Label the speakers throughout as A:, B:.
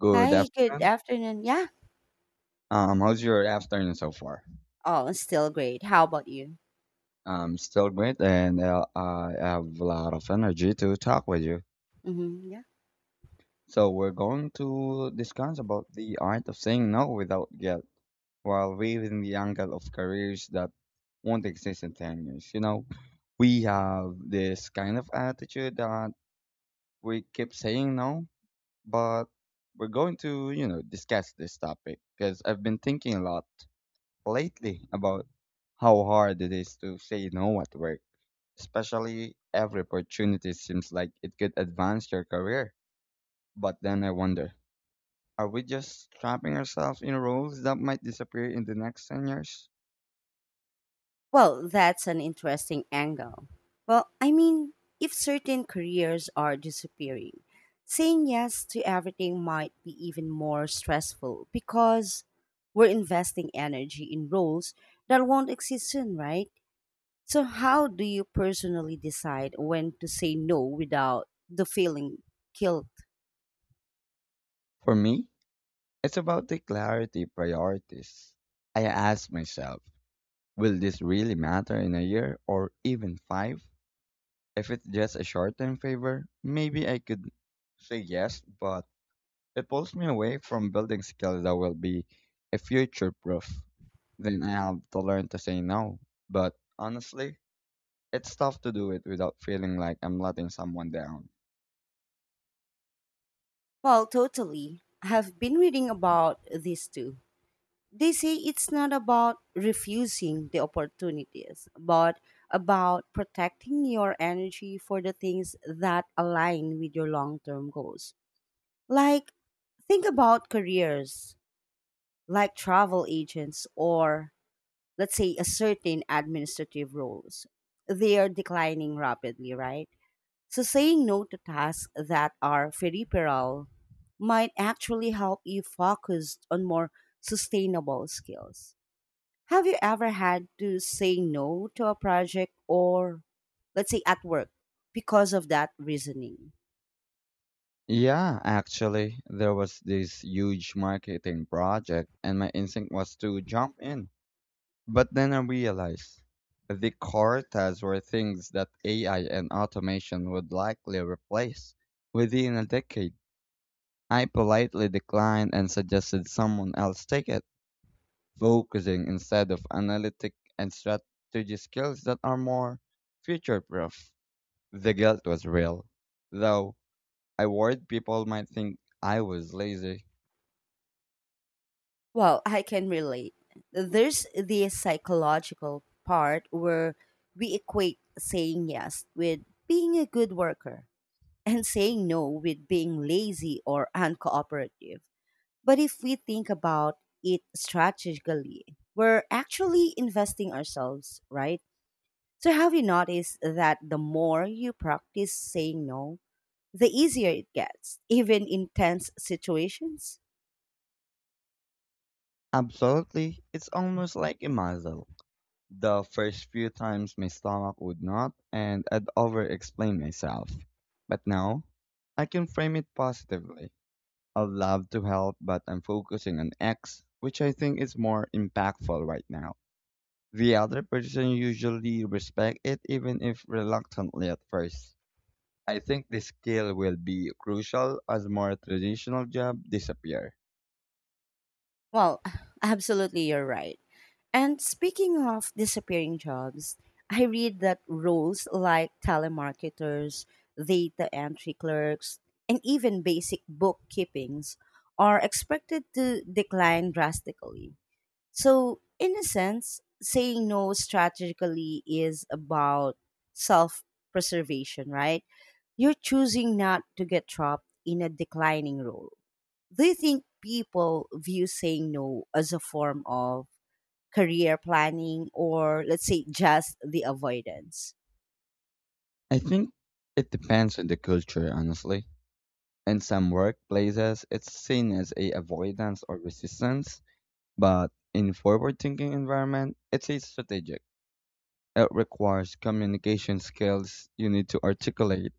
A: Good
B: Hi, good
A: afternoon.
B: afternoon. Yeah,
A: How's your afternoon so far?
B: all still great. How about you?
A: I'm still great, and I have a lot of energy to talk with you.
B: Yeah.
A: So we're going to discuss about the art of saying no without guilt, while weaving the angle of careers that won't exist in 10 years. You know, we have this kind of attitude that we keep saying no, but we're going to, discuss this topic because I've been thinking a lot lately about how hard it is to say no at work, especially every opportunity seems like it could advance your career. But then I wonder, are we just trapping ourselves in roles that might disappear in the next 10 years?
B: Well, that's an interesting angle. Well, I mean, if certain careers are disappearing, saying yes to everything might be even more stressful because we're investing energy in roles that won't exist soon, right? So, how do you personally decide when to say no without the feeling guilt?
A: For me, it's about the clarity priorities. I ask myself, will this really matter in a year or even five? If it's just a short term favor, maybe I could say yes, but it pulls me away from building skills that will be a future proof. Then I have to learn to say no. But honestly, it's tough to do it without feeling like I'm letting someone down.
B: Well, totally. I've been reading about this too. They say it's not about refusing the opportunities, but about protecting your energy for the things that align with your long term goals. Like, think about careers like travel agents or, let's say, a certain administrative roles. They are declining rapidly, right? So, saying no to tasks that are peripheral might actually help you focus on more sustainable skills. Have you ever had to say no to a project or, let's say, at work because of that reasoning?
A: Yeah, actually, there was this huge marketing project, and my instinct was to jump in. But then I realized the core tasks were things that AI and automation would likely replace within a decade. I politely declined and suggested someone else take it, focusing instead of analytic and strategy skills that are more future proof. The guilt was real, though I worried people might think I was lazy.
B: Well, I can relate. There's the psychological part where we equate saying yes with being a good worker and saying no with being lazy or uncooperative. But if we think about it strategically, we're actually investing ourselves, right? So, have you noticed that the more you practice saying no, the easier it gets, even in tense situations?
A: Absolutely, it's almost like a muzzle. The first few times my stomach would not, and I'd over explain myself. But now, I can frame it positively. I'd love to help, but I'm focusing on X, which I think is more impactful right now. The other person usually respects it even if reluctantly at first. I think this skill will be crucial as more traditional jobs disappear.
B: Well, absolutely, you're right. And speaking of disappearing jobs, I read that roles like telemarketers, data entry clerks, and even basic bookkeepings are expected to decline drastically. So, in a sense, saying no strategically is about self preservation, right? You're choosing not to get trapped in a declining role. Do you think people view saying no as a form of career planning or, let's say, just the avoidance?
A: I think it depends on the culture, honestly. In some workplaces, it's seen as a avoidance or resistance, but in forward-thinking environment, it's a strategic. It requires communication skills. You need to articulate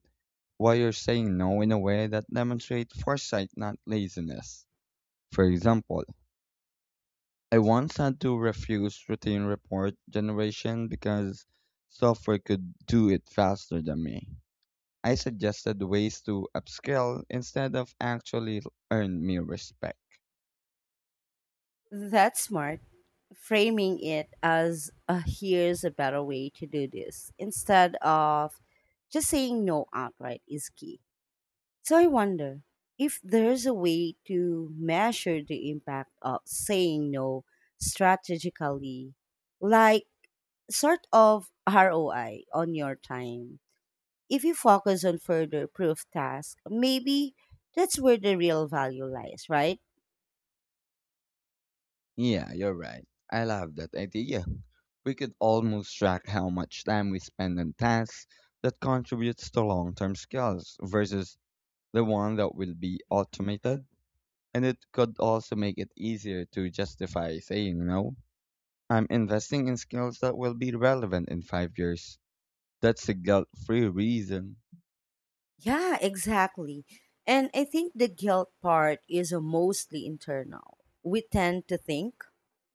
A: why you're saying no in a way that demonstrates foresight, not laziness. For example, I once had to refuse routine report generation because software could do it faster than me. I suggested ways to upskill instead of actually earn me respect.
B: That's smart. Framing it as a here's a better way to do this instead of just saying no outright is key. So I wonder if there's a way to measure the impact of saying no strategically, like sort of ROI on your time. If you focus on further proof tasks, maybe that's where the real value lies, right?
A: Yeah, you're right. I love that idea. We could almost track how much time we spend on tasks that contributes to long-term skills versus the one that will be automated. And it could also make it easier to justify saying no. I'm investing in skills that will be relevant in 5 years. That's the guilt free reason.
B: Yeah, exactly. And I think the guilt part is a mostly internal. We tend to think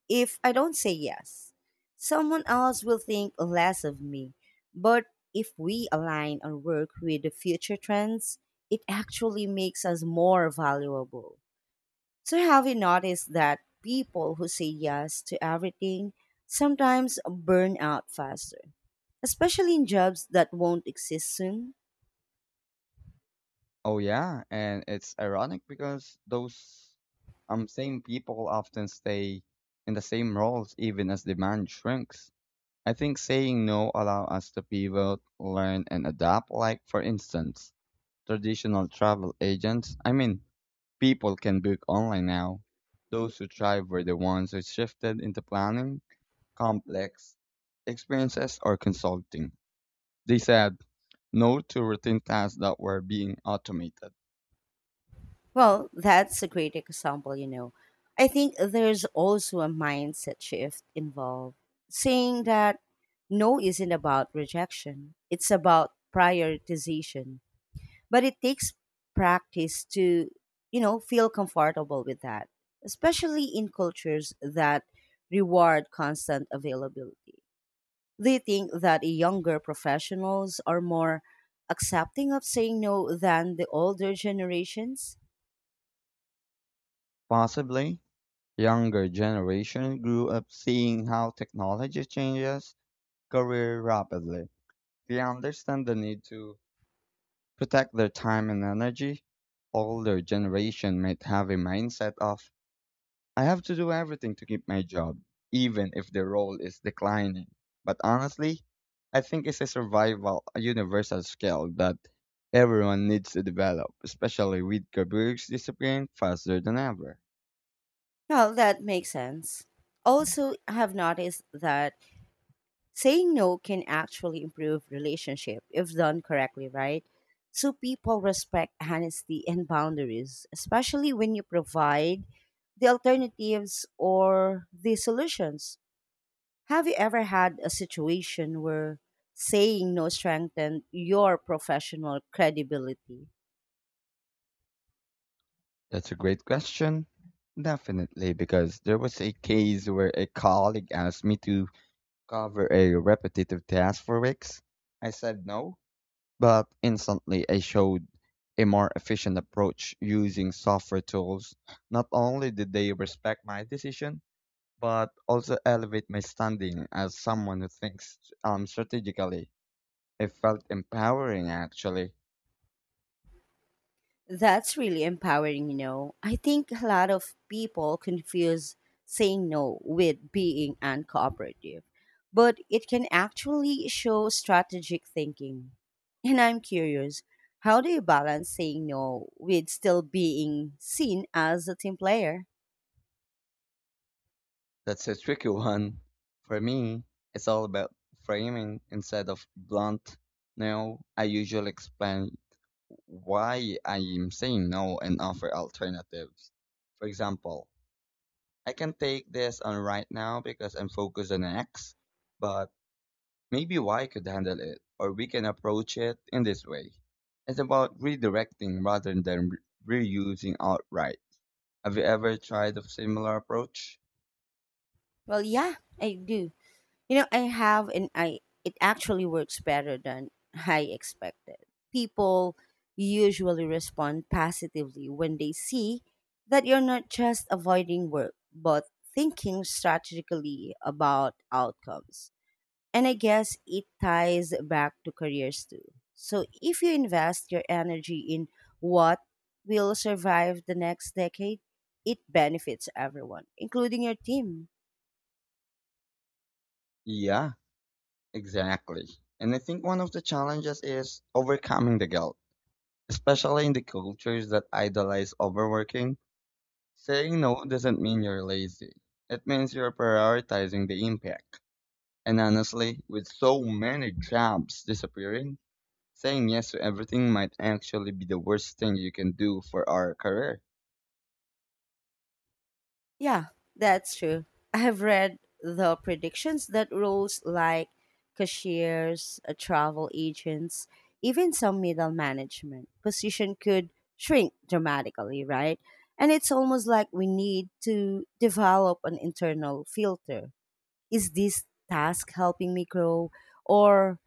B: if I don't say yes, someone else will think less of me. But if we align our work with the future trends, it actually makes us more valuable. So, have you noticed that people who say yes to everything sometimes burn out faster, especially in jobs that won't exist soon?
A: Oh, yeah. And it's ironic because those same people often stay in the same roles even as demand shrinks. I think saying no allows us to pivot, learn, and adapt. Like, for instance, traditional travel agents, I mean, people can book online now. Those who thrive were the ones who shifted into planning complex experiences or consulting. They said no to routine tasks that were being automated.
B: Well, that's a great example, I think there's also a mindset shift involved, saying that no isn't about rejection, it's about prioritization. But it takes practice to, feel comfortable with that, especially in cultures that reward constant availability. They think that younger professionals are more accepting of saying no than the older generations.
A: Possibly, younger generation grew up seeing how technology changes career rapidly. They understand the need to protect their time and energy. Older generation might have a mindset of I have to do everything to keep my job, even if the role is declining. But honestly, I think it's a survival, a universal skill that everyone needs to develop, especially with careers disappearing faster than ever.
B: Well, that makes sense. Also, I have noticed that saying no can actually improve relationship if done correctly, right? So people respect honesty and boundaries, especially when you provide the alternatives or the solutions. Have you ever had a situation where saying no strengthened your professional credibility?
A: That's a great question. Definitely, because there was a case where a colleague asked me to cover a repetitive task for weeks. I said no, but instantly I showed a more efficient approach using software tools. Not only did they respect my decision, but also elevate my standing as someone who thinks strategically. It felt empowering actually.
B: That's really empowering, I think a lot of people confuse saying no with being uncooperative, but it can actually show strategic thinking. And I'm curious, how do you balance saying no with still being seen as a team player?
A: That's a tricky one. For me, it's all about framing instead of blunt no. I usually explain why I am saying no and offer alternatives. For example, I can take this on right now because I'm focused on X, but maybe Y could handle it, or we can approach it in this way. It's about redirecting rather than reusing outright. Have you ever tried a similar approach?
B: Well, yeah, I do. I have, and I it actually works better than I expected. People usually respond positively when they see that you're not just avoiding work, but thinking strategically about outcomes. And I guess it ties back to careers too. So if you invest your energy in what will survive the next decade, it benefits everyone, including your team.
A: Yeah, exactly. And I think one of the challenges is overcoming the guilt, especially in the cultures that idolize overworking. Saying no doesn't mean you're lazy. It means you're prioritizing the impact. And honestly, with so many jobs disappearing, saying yes to everything might actually be the worst thing you can do for our career.
B: Yeah, that's true. I have read the predictions that roles like cashiers, travel agents, even some middle management position could shrink dramatically, right? And it's almost like we need to develop an internal filter. Is this task helping me grow or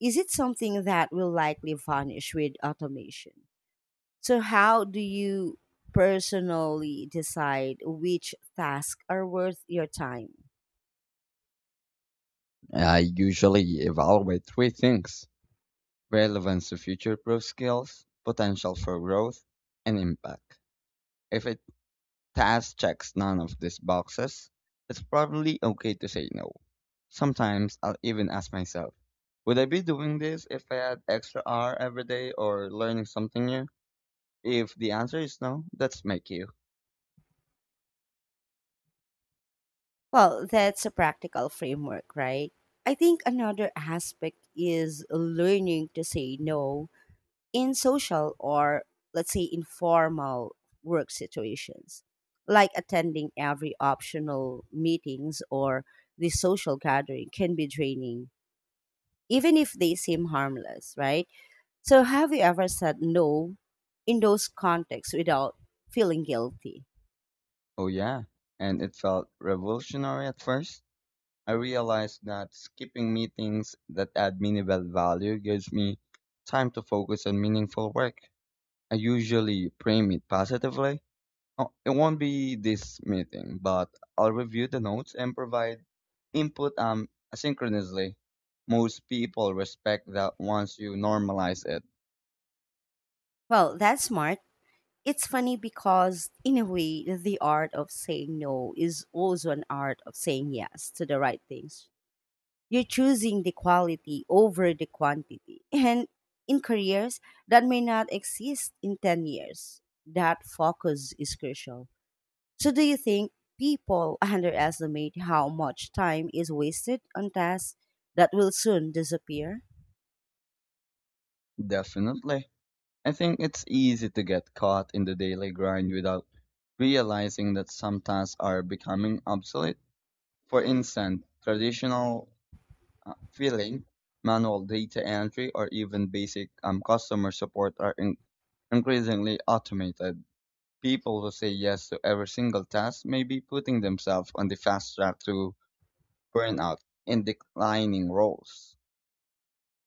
B: is it something that will likely vanish with automation? So, how do you personally decide which tasks are worth your time?
A: I usually evaluate three things: relevance to future proof skills, potential for growth, and impact. If a task checks none of these boxes, it's probably okay to say no. Sometimes I'll even ask myself, would I be doing this if I had extra hour every day or learning something new? If the answer is no, that's my cue.
B: Well, that's a practical framework, right? I think another aspect is learning to say no in social or, let's say, informal work situations, like attending every optional meetings or the social gathering can be draining, even if they seem harmless, right? So, have you ever said no in those contexts without feeling guilty?
A: Oh yeah. And it felt revolutionary at first. I realized that skipping meetings that add minimal value gives me time to focus on meaningful work. I usually frame it positively. Oh, it won't be this meeting, but I'll review the notes and provide input asynchronously. Most people respect that once you normalize it.
B: Well, that's smart. It's funny because, in a way, the art of saying no is also an art of saying yes to the right things. You're choosing the quality over the quantity. And in careers that may not exist in 10 years, that focus is crucial. So, do you think people underestimate how much time is wasted on tasks that will soon disappear?
A: Definitely. I think it's easy to get caught in the daily grind without realizing that some tasks are becoming obsolete. For instance, traditional filling, manual data entry, or even basic customer support are increasingly automated. People who say yes to every single task may be putting themselves on the fast track to burnout in declining roles.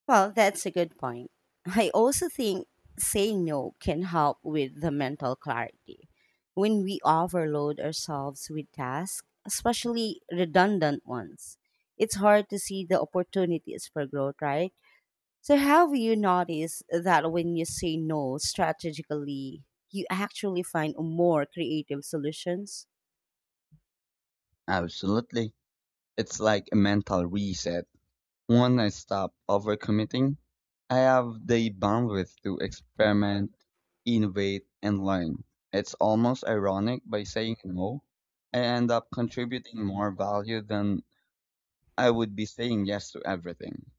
B: Well, that's a good point. I also think saying no can help with the mental clarity. When we overload ourselves with tasks, especially redundant ones, it's hard to see the opportunities for growth, right? So, have you noticed that when you say no strategically, you actually find more creative solutions?
A: Absolutely. It's like a mental reset. When I stop overcommitting, I have the bandwidth to experiment, innovate, and learn. It's almost ironic by saying no, I end up contributing more value than I would be saying yes to everything.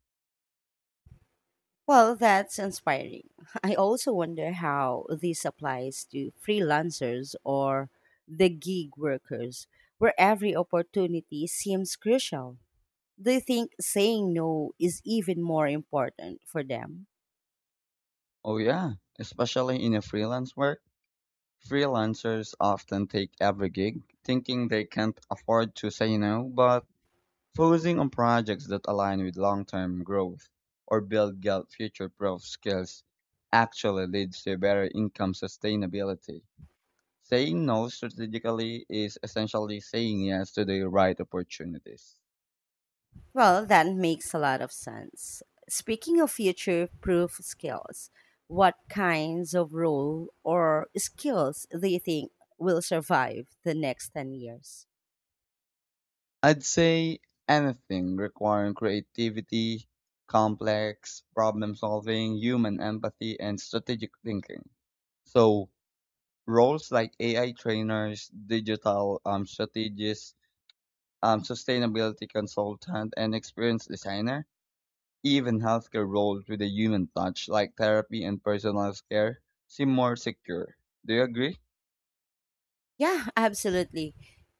B: Well, that's inspiring. I also wonder how this applies to freelancers or the gig workers, where every opportunity seems crucial. Do you think saying no is even more important for them?
A: Oh, yeah, especially in a freelance work. Freelancers often take every gig, thinking they can't afford to say no, but focusing on projects that align with long-term growth or build Galt future-proof skills actually leads to better income sustainability. Saying no strategically is essentially saying yes to the right opportunities.
B: Well, that makes a lot of sense. Speaking of future proof skills, what kinds of role or skills do you think will survive the next 10 years?
A: I'd say anything requiring creativity, complex problem solving, human empathy, and strategic thinking. So roles like AI trainers, digital strategists, sustainability consultant, and experienced designer. Even healthcare roles with a human touch, like therapy and personalized care, seem more secure. Do you agree?
B: Yeah, absolutely.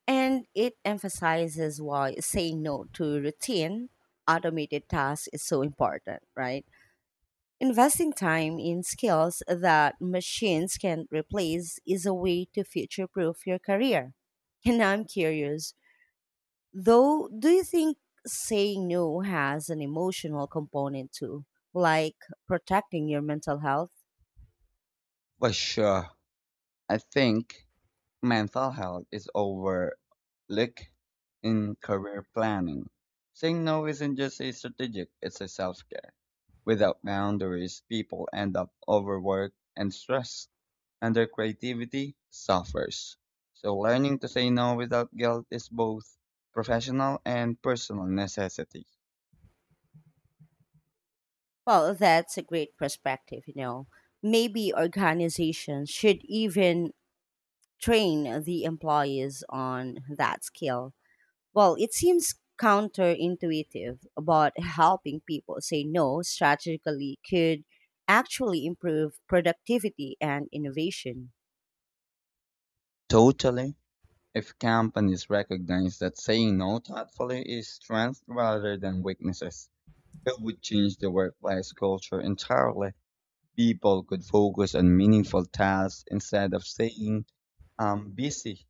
B: And it emphasizes why saying no to routine automated tasks is so important, right? Investing time in skills that machines can replace is a way to future proof your career. And I'm curious, though, do you think saying no has an emotional component too, like protecting your mental health?
A: For sure. I think mental health is overlooked in career planning. Saying no isn't just a strategic, it's a self care. Without boundaries, people end up overworked and stressed, and their creativity suffers. So, learning to say no without guilt is both professional and personal necessity.
B: Well, that's a great perspective, maybe organizations should even train the employees on that skill. Well, it seems counterintuitive, but helping people say no strategically could actually improve productivity and innovation.
A: Totally. If companies recognize that saying no thoughtfully is strength rather than weaknesses, it would change the workplace culture entirely. People could focus on meaningful tasks instead of saying, I'm busy.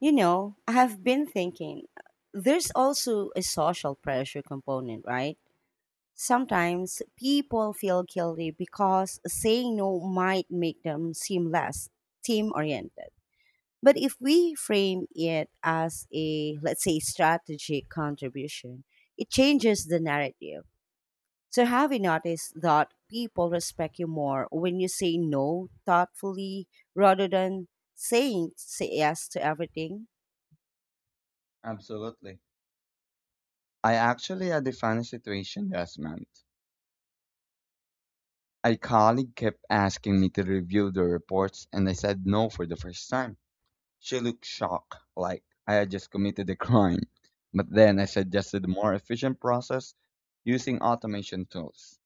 B: I have been thinking there's also a social pressure component, right? Sometimes people feel guilty because saying no might make them seem less team oriented. But if we frame it as a, let's say, strategic contribution, it changes the narrative. So, have you noticed that people respect you more when you say no thoughtfully rather than saying say yes to everything?
A: Absolutely. I actually had a funny situation last month. A colleague kept asking me to review the reports and I said no for the first time. She looked shocked, like I had just committed a crime. But then I suggested a more efficient process using automation tools.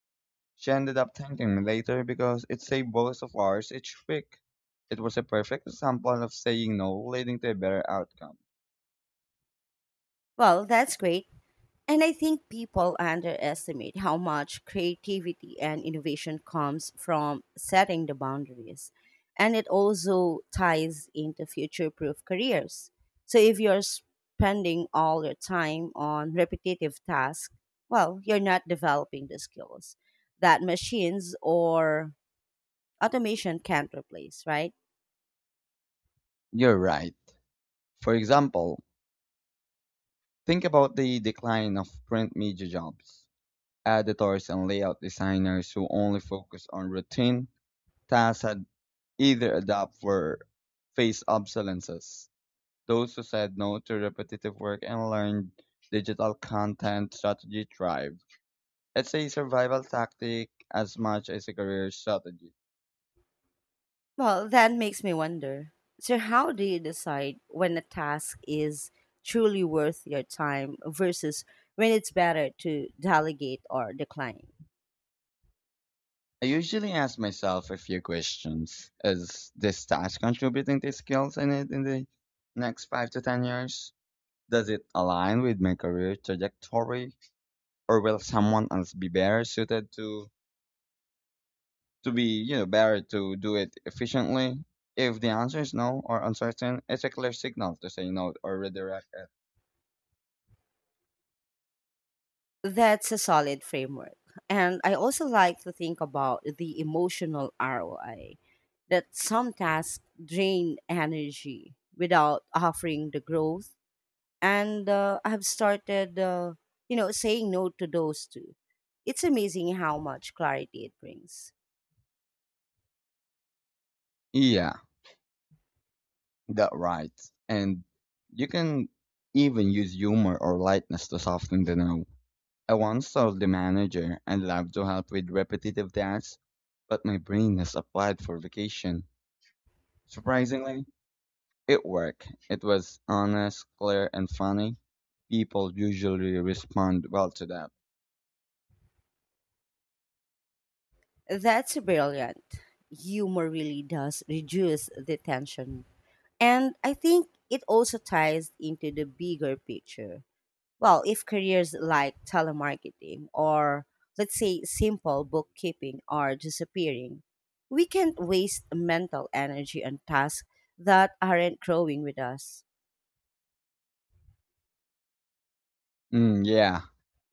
A: She ended up thanking me later because it saved both of ours each week. It was a perfect example of saying no leading to a better outcome.
B: Well, that's great. And I think people underestimate how much creativity and innovation comes from setting the boundaries. And it also ties into future proof careers. So if you're spending all your time on repetitive tasks, well, you're not developing the skills that machines or automation can't replace, right?
A: You're right. For example, think about the decline of print media jobs. Editors and layout designers who only focus on routine tasks had either adapt for face obsolescence. Those who said no to repetitive work and learned digital content strategy thrived. It's a survival tactic as much as a career strategy.
B: Well, that makes me wonder. So, how do you decide when a task is truly worth your time versus when it's better to delegate or decline?
A: I usually ask myself a few questions. Is this task contributing to skills I need in the next 5 to 10 years? Does it align with my career trajectory? Or will someone else be better suited to be, you know, better to do it efficiently? If the answer is no or uncertain, it's a clear signal to say no or redirect it.
B: That's a solid framework. And I also like to think about the emotional ROI that some tasks drain energy without offering the growth. And I've started, saying no to those two. It's amazing how much clarity it brings.
A: Yeah, that right. And you can even use humor or lightness to soften the no. I once told the manager I'd love to help with repetitive tasks, but my brain is applied for vacation. Surprisingly, it worked. It was honest, clear and funny. People usually respond well to that.
B: That's brilliant. Humor really does reduce the tension. And I think it also ties into the bigger picture. Well, if careers like telemarketing or, let's say, simple bookkeeping are disappearing, we can't waste mental energy on tasks that aren't growing with us.
A: Mm, yeah,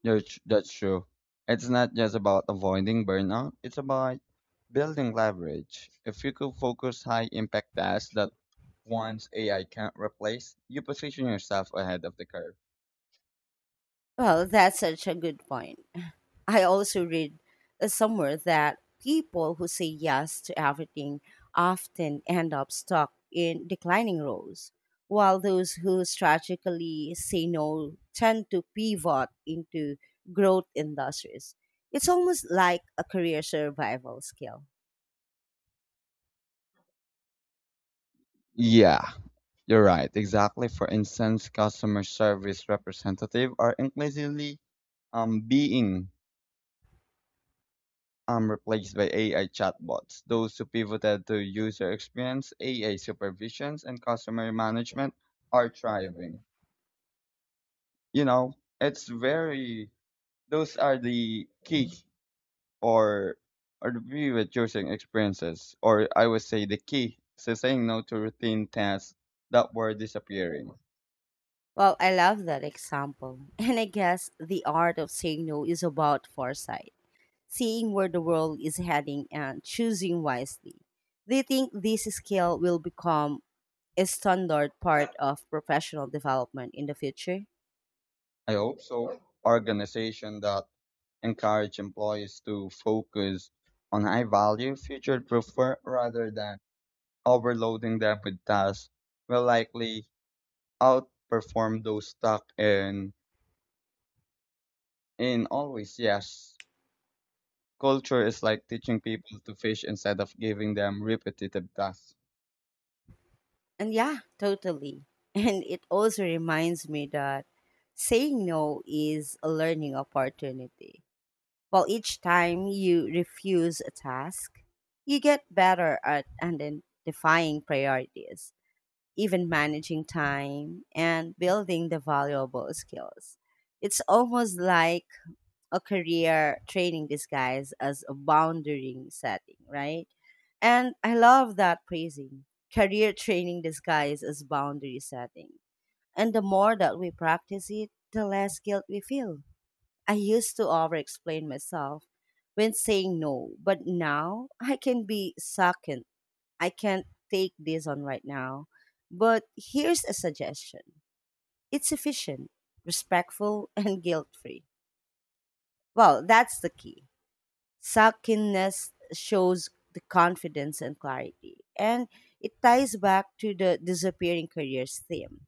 A: that's true. It's not just about avoiding burnout, it's about building leverage. If you could focus high impact tasks that once AI can't replace, you position yourself ahead of the curve.
B: Well, that's such a good point. I also read somewhere that people who say yes to everything often end up stuck in declining roles, while those who strategically say no tend to pivot into growth industries. It's almost like a career survival skill.
A: Yeah, you're right. Exactly. For instance, customer service representative are increasingly being replaced by AI chatbots, those who pivoted to user experience, AI supervisions, and customer management are thriving. You know, it's very, those are the key or, or the pivot using experiences, or I would say the key to saying no to routine tasks that were disappearing.
B: Well, I love that example. And I guess the art of saying no is about foresight, seeing where the world is heading and choosing wisely. Do you think this skill will become a standard part of professional development in the future?
A: I hope so. Organization that encourage employees to focus on high value, future proof work rather than overloading them with tasks will likely outperform those stuck in always yes. Culture is like teaching people to fish instead of giving them repetitive tasks.
B: And yeah, totally. And it also reminds me that saying no is a learning opportunity. While each time you refuse a task, you get better at identifying priorities, even managing time, and building the valuable skills. It's almost like a career training disguise as a boundary setting, right? And I love that phrasing, career training disguise as boundary setting. And the more that we practice it, the less guilt we feel. I used to over explain myself when saying no, but now I can be second. I can't take this on right now. But here's a suggestion, it's efficient, respectful, and guilt free. Well, that's the key. Suckiness shows the confidence and clarity, and it ties back to the disappearing careers theme.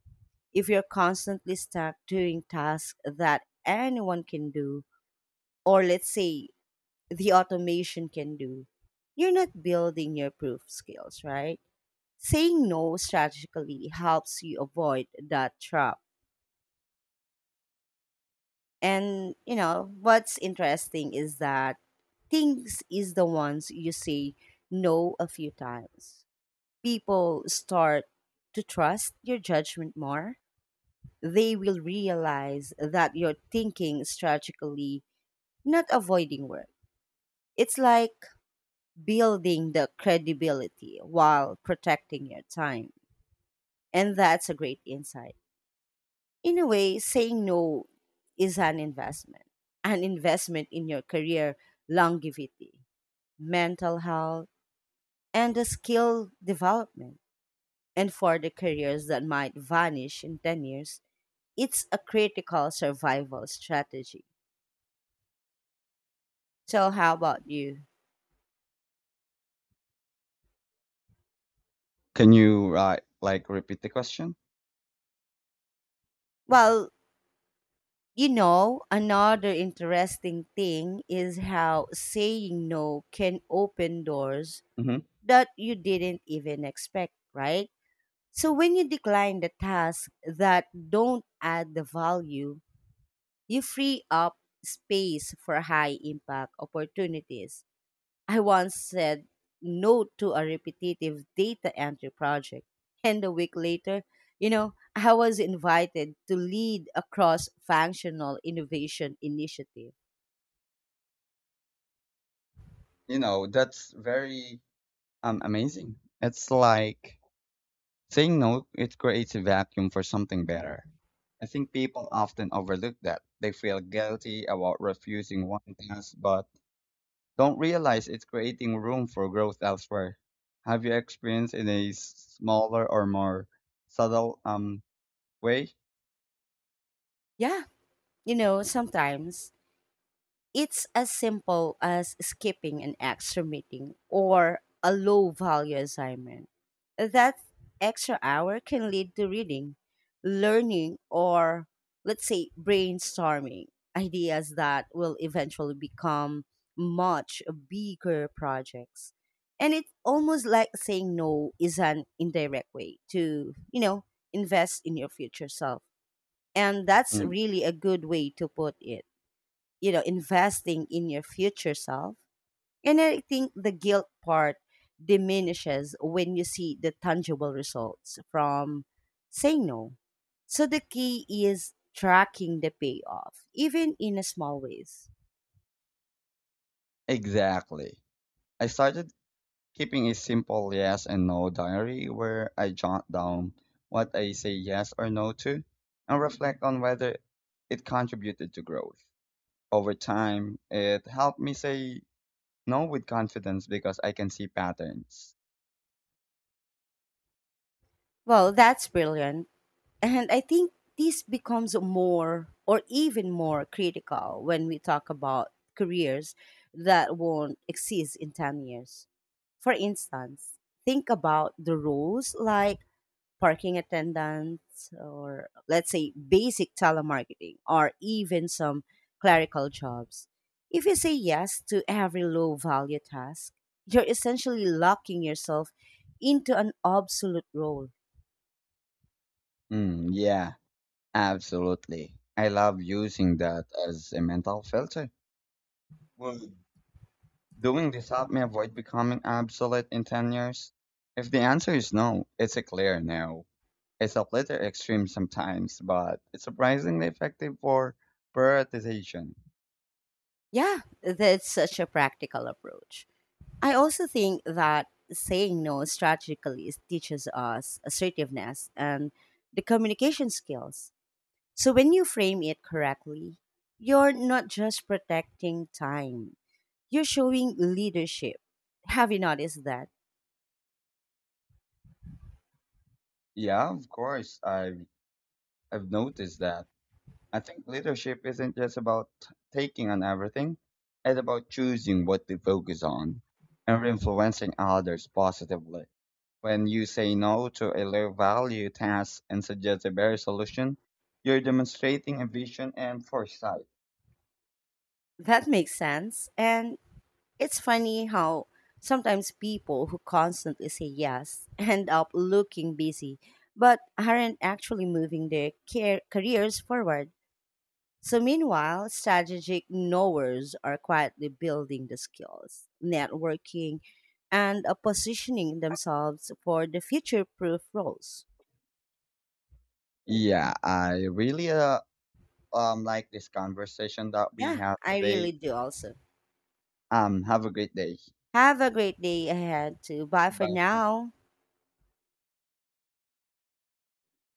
B: If you're constantly stuck doing tasks that anyone can do, or let's say the automation can do, you're not building your proof skills, right? Saying no strategically helps you avoid that trap. And what's interesting is that things is the ones you say no a few times. People start to trust your judgment more. They will realize that you're thinking strategically, not avoiding work. It's like building the credibility while protecting your time. And that's a great insight. In a way, saying no is an investment in your career longevity, mental health, and the skill development. And for the careers that might vanish in 10 years, it's a critical survival strategy. So, how about you?
A: Can you like repeat the question?
B: Well, another interesting thing is how saying no can open doors
A: Hmm.
B: that you didn't even expect, right? So when you decline the tasks that don't add the value, you free up space for high impact opportunities. I once said no to a repetitive data entry project. And a week later, I was invited to lead a cross functional innovation initiative.
A: You know, that's very amazing. It's like saying no, it creates a vacuum for something better. I think people often overlook that. They feel guilty about refusing one task, but don't realize it's creating room for growth elsewhere. Have you experienced in a smaller or more subtle way?
B: Yeah, sometimes it's as simple as skipping an extra meeting or a low value assignment. That extra hour can lead to reading, learning, or let's say brainstorming ideas that will eventually become much bigger projects. And it's almost like saying no is an indirect way to, invest in your future self. And that's
A: Mm,
B: really a good way to put it. Investing in your future self. And I think the guilt part diminishes when you see the tangible results from saying no. So the key is tracking the payoff even in a small ways.
A: exactly. I started keeping a simple yes and no diary where I jot down what I say yes or no to and reflect on whether it contributed to growth. Over time, it helped me say no with confidence because I can see patterns.
B: Well, that's brilliant. And I think this becomes more or even more critical when we talk about careers that won't exist in 10 years. For instance, think about the roles like parking attendants, or let's say basic telemarketing, or even some clerical jobs. If you say yes to every low value task, you're essentially locking yourself into an obsolete role.
A: Mm, yeah. Absolutely. I love using that as a mental filter. Would doing this help me avoid becoming obsolete in 10 years? If the answer is no, it's a clear no. It's a little extreme sometimes, but it's surprisingly effective for prioritization.
B: Yeah, that's such a practical approach. I also think that saying no strategically teaches us assertiveness and the communication skills. So when you frame it correctly, you're not just protecting time, you're showing leadership. Have you noticed that?
A: Yeah, of course, I've noticed that. I think leadership isn't just about taking on everything, it's about choosing what to focus on and influencing others positively. When you say no to a low value task and suggest a better solution, you're demonstrating a vision and foresight.
B: That makes sense. And it's funny how sometimes people who constantly say yes end up looking busy but aren't actually moving their careers forward. So, meanwhile, strategic knowers are quietly building the skills, networking, and positioning themselves for the future proof roles.
A: Yeah, I really like this conversation that we
B: Yeah,
A: have
B: I
A: today.
B: really do also.
A: Have a great day.
B: Have a great day ahead, too. Bye for
A: Goodbye, friend.
B: now.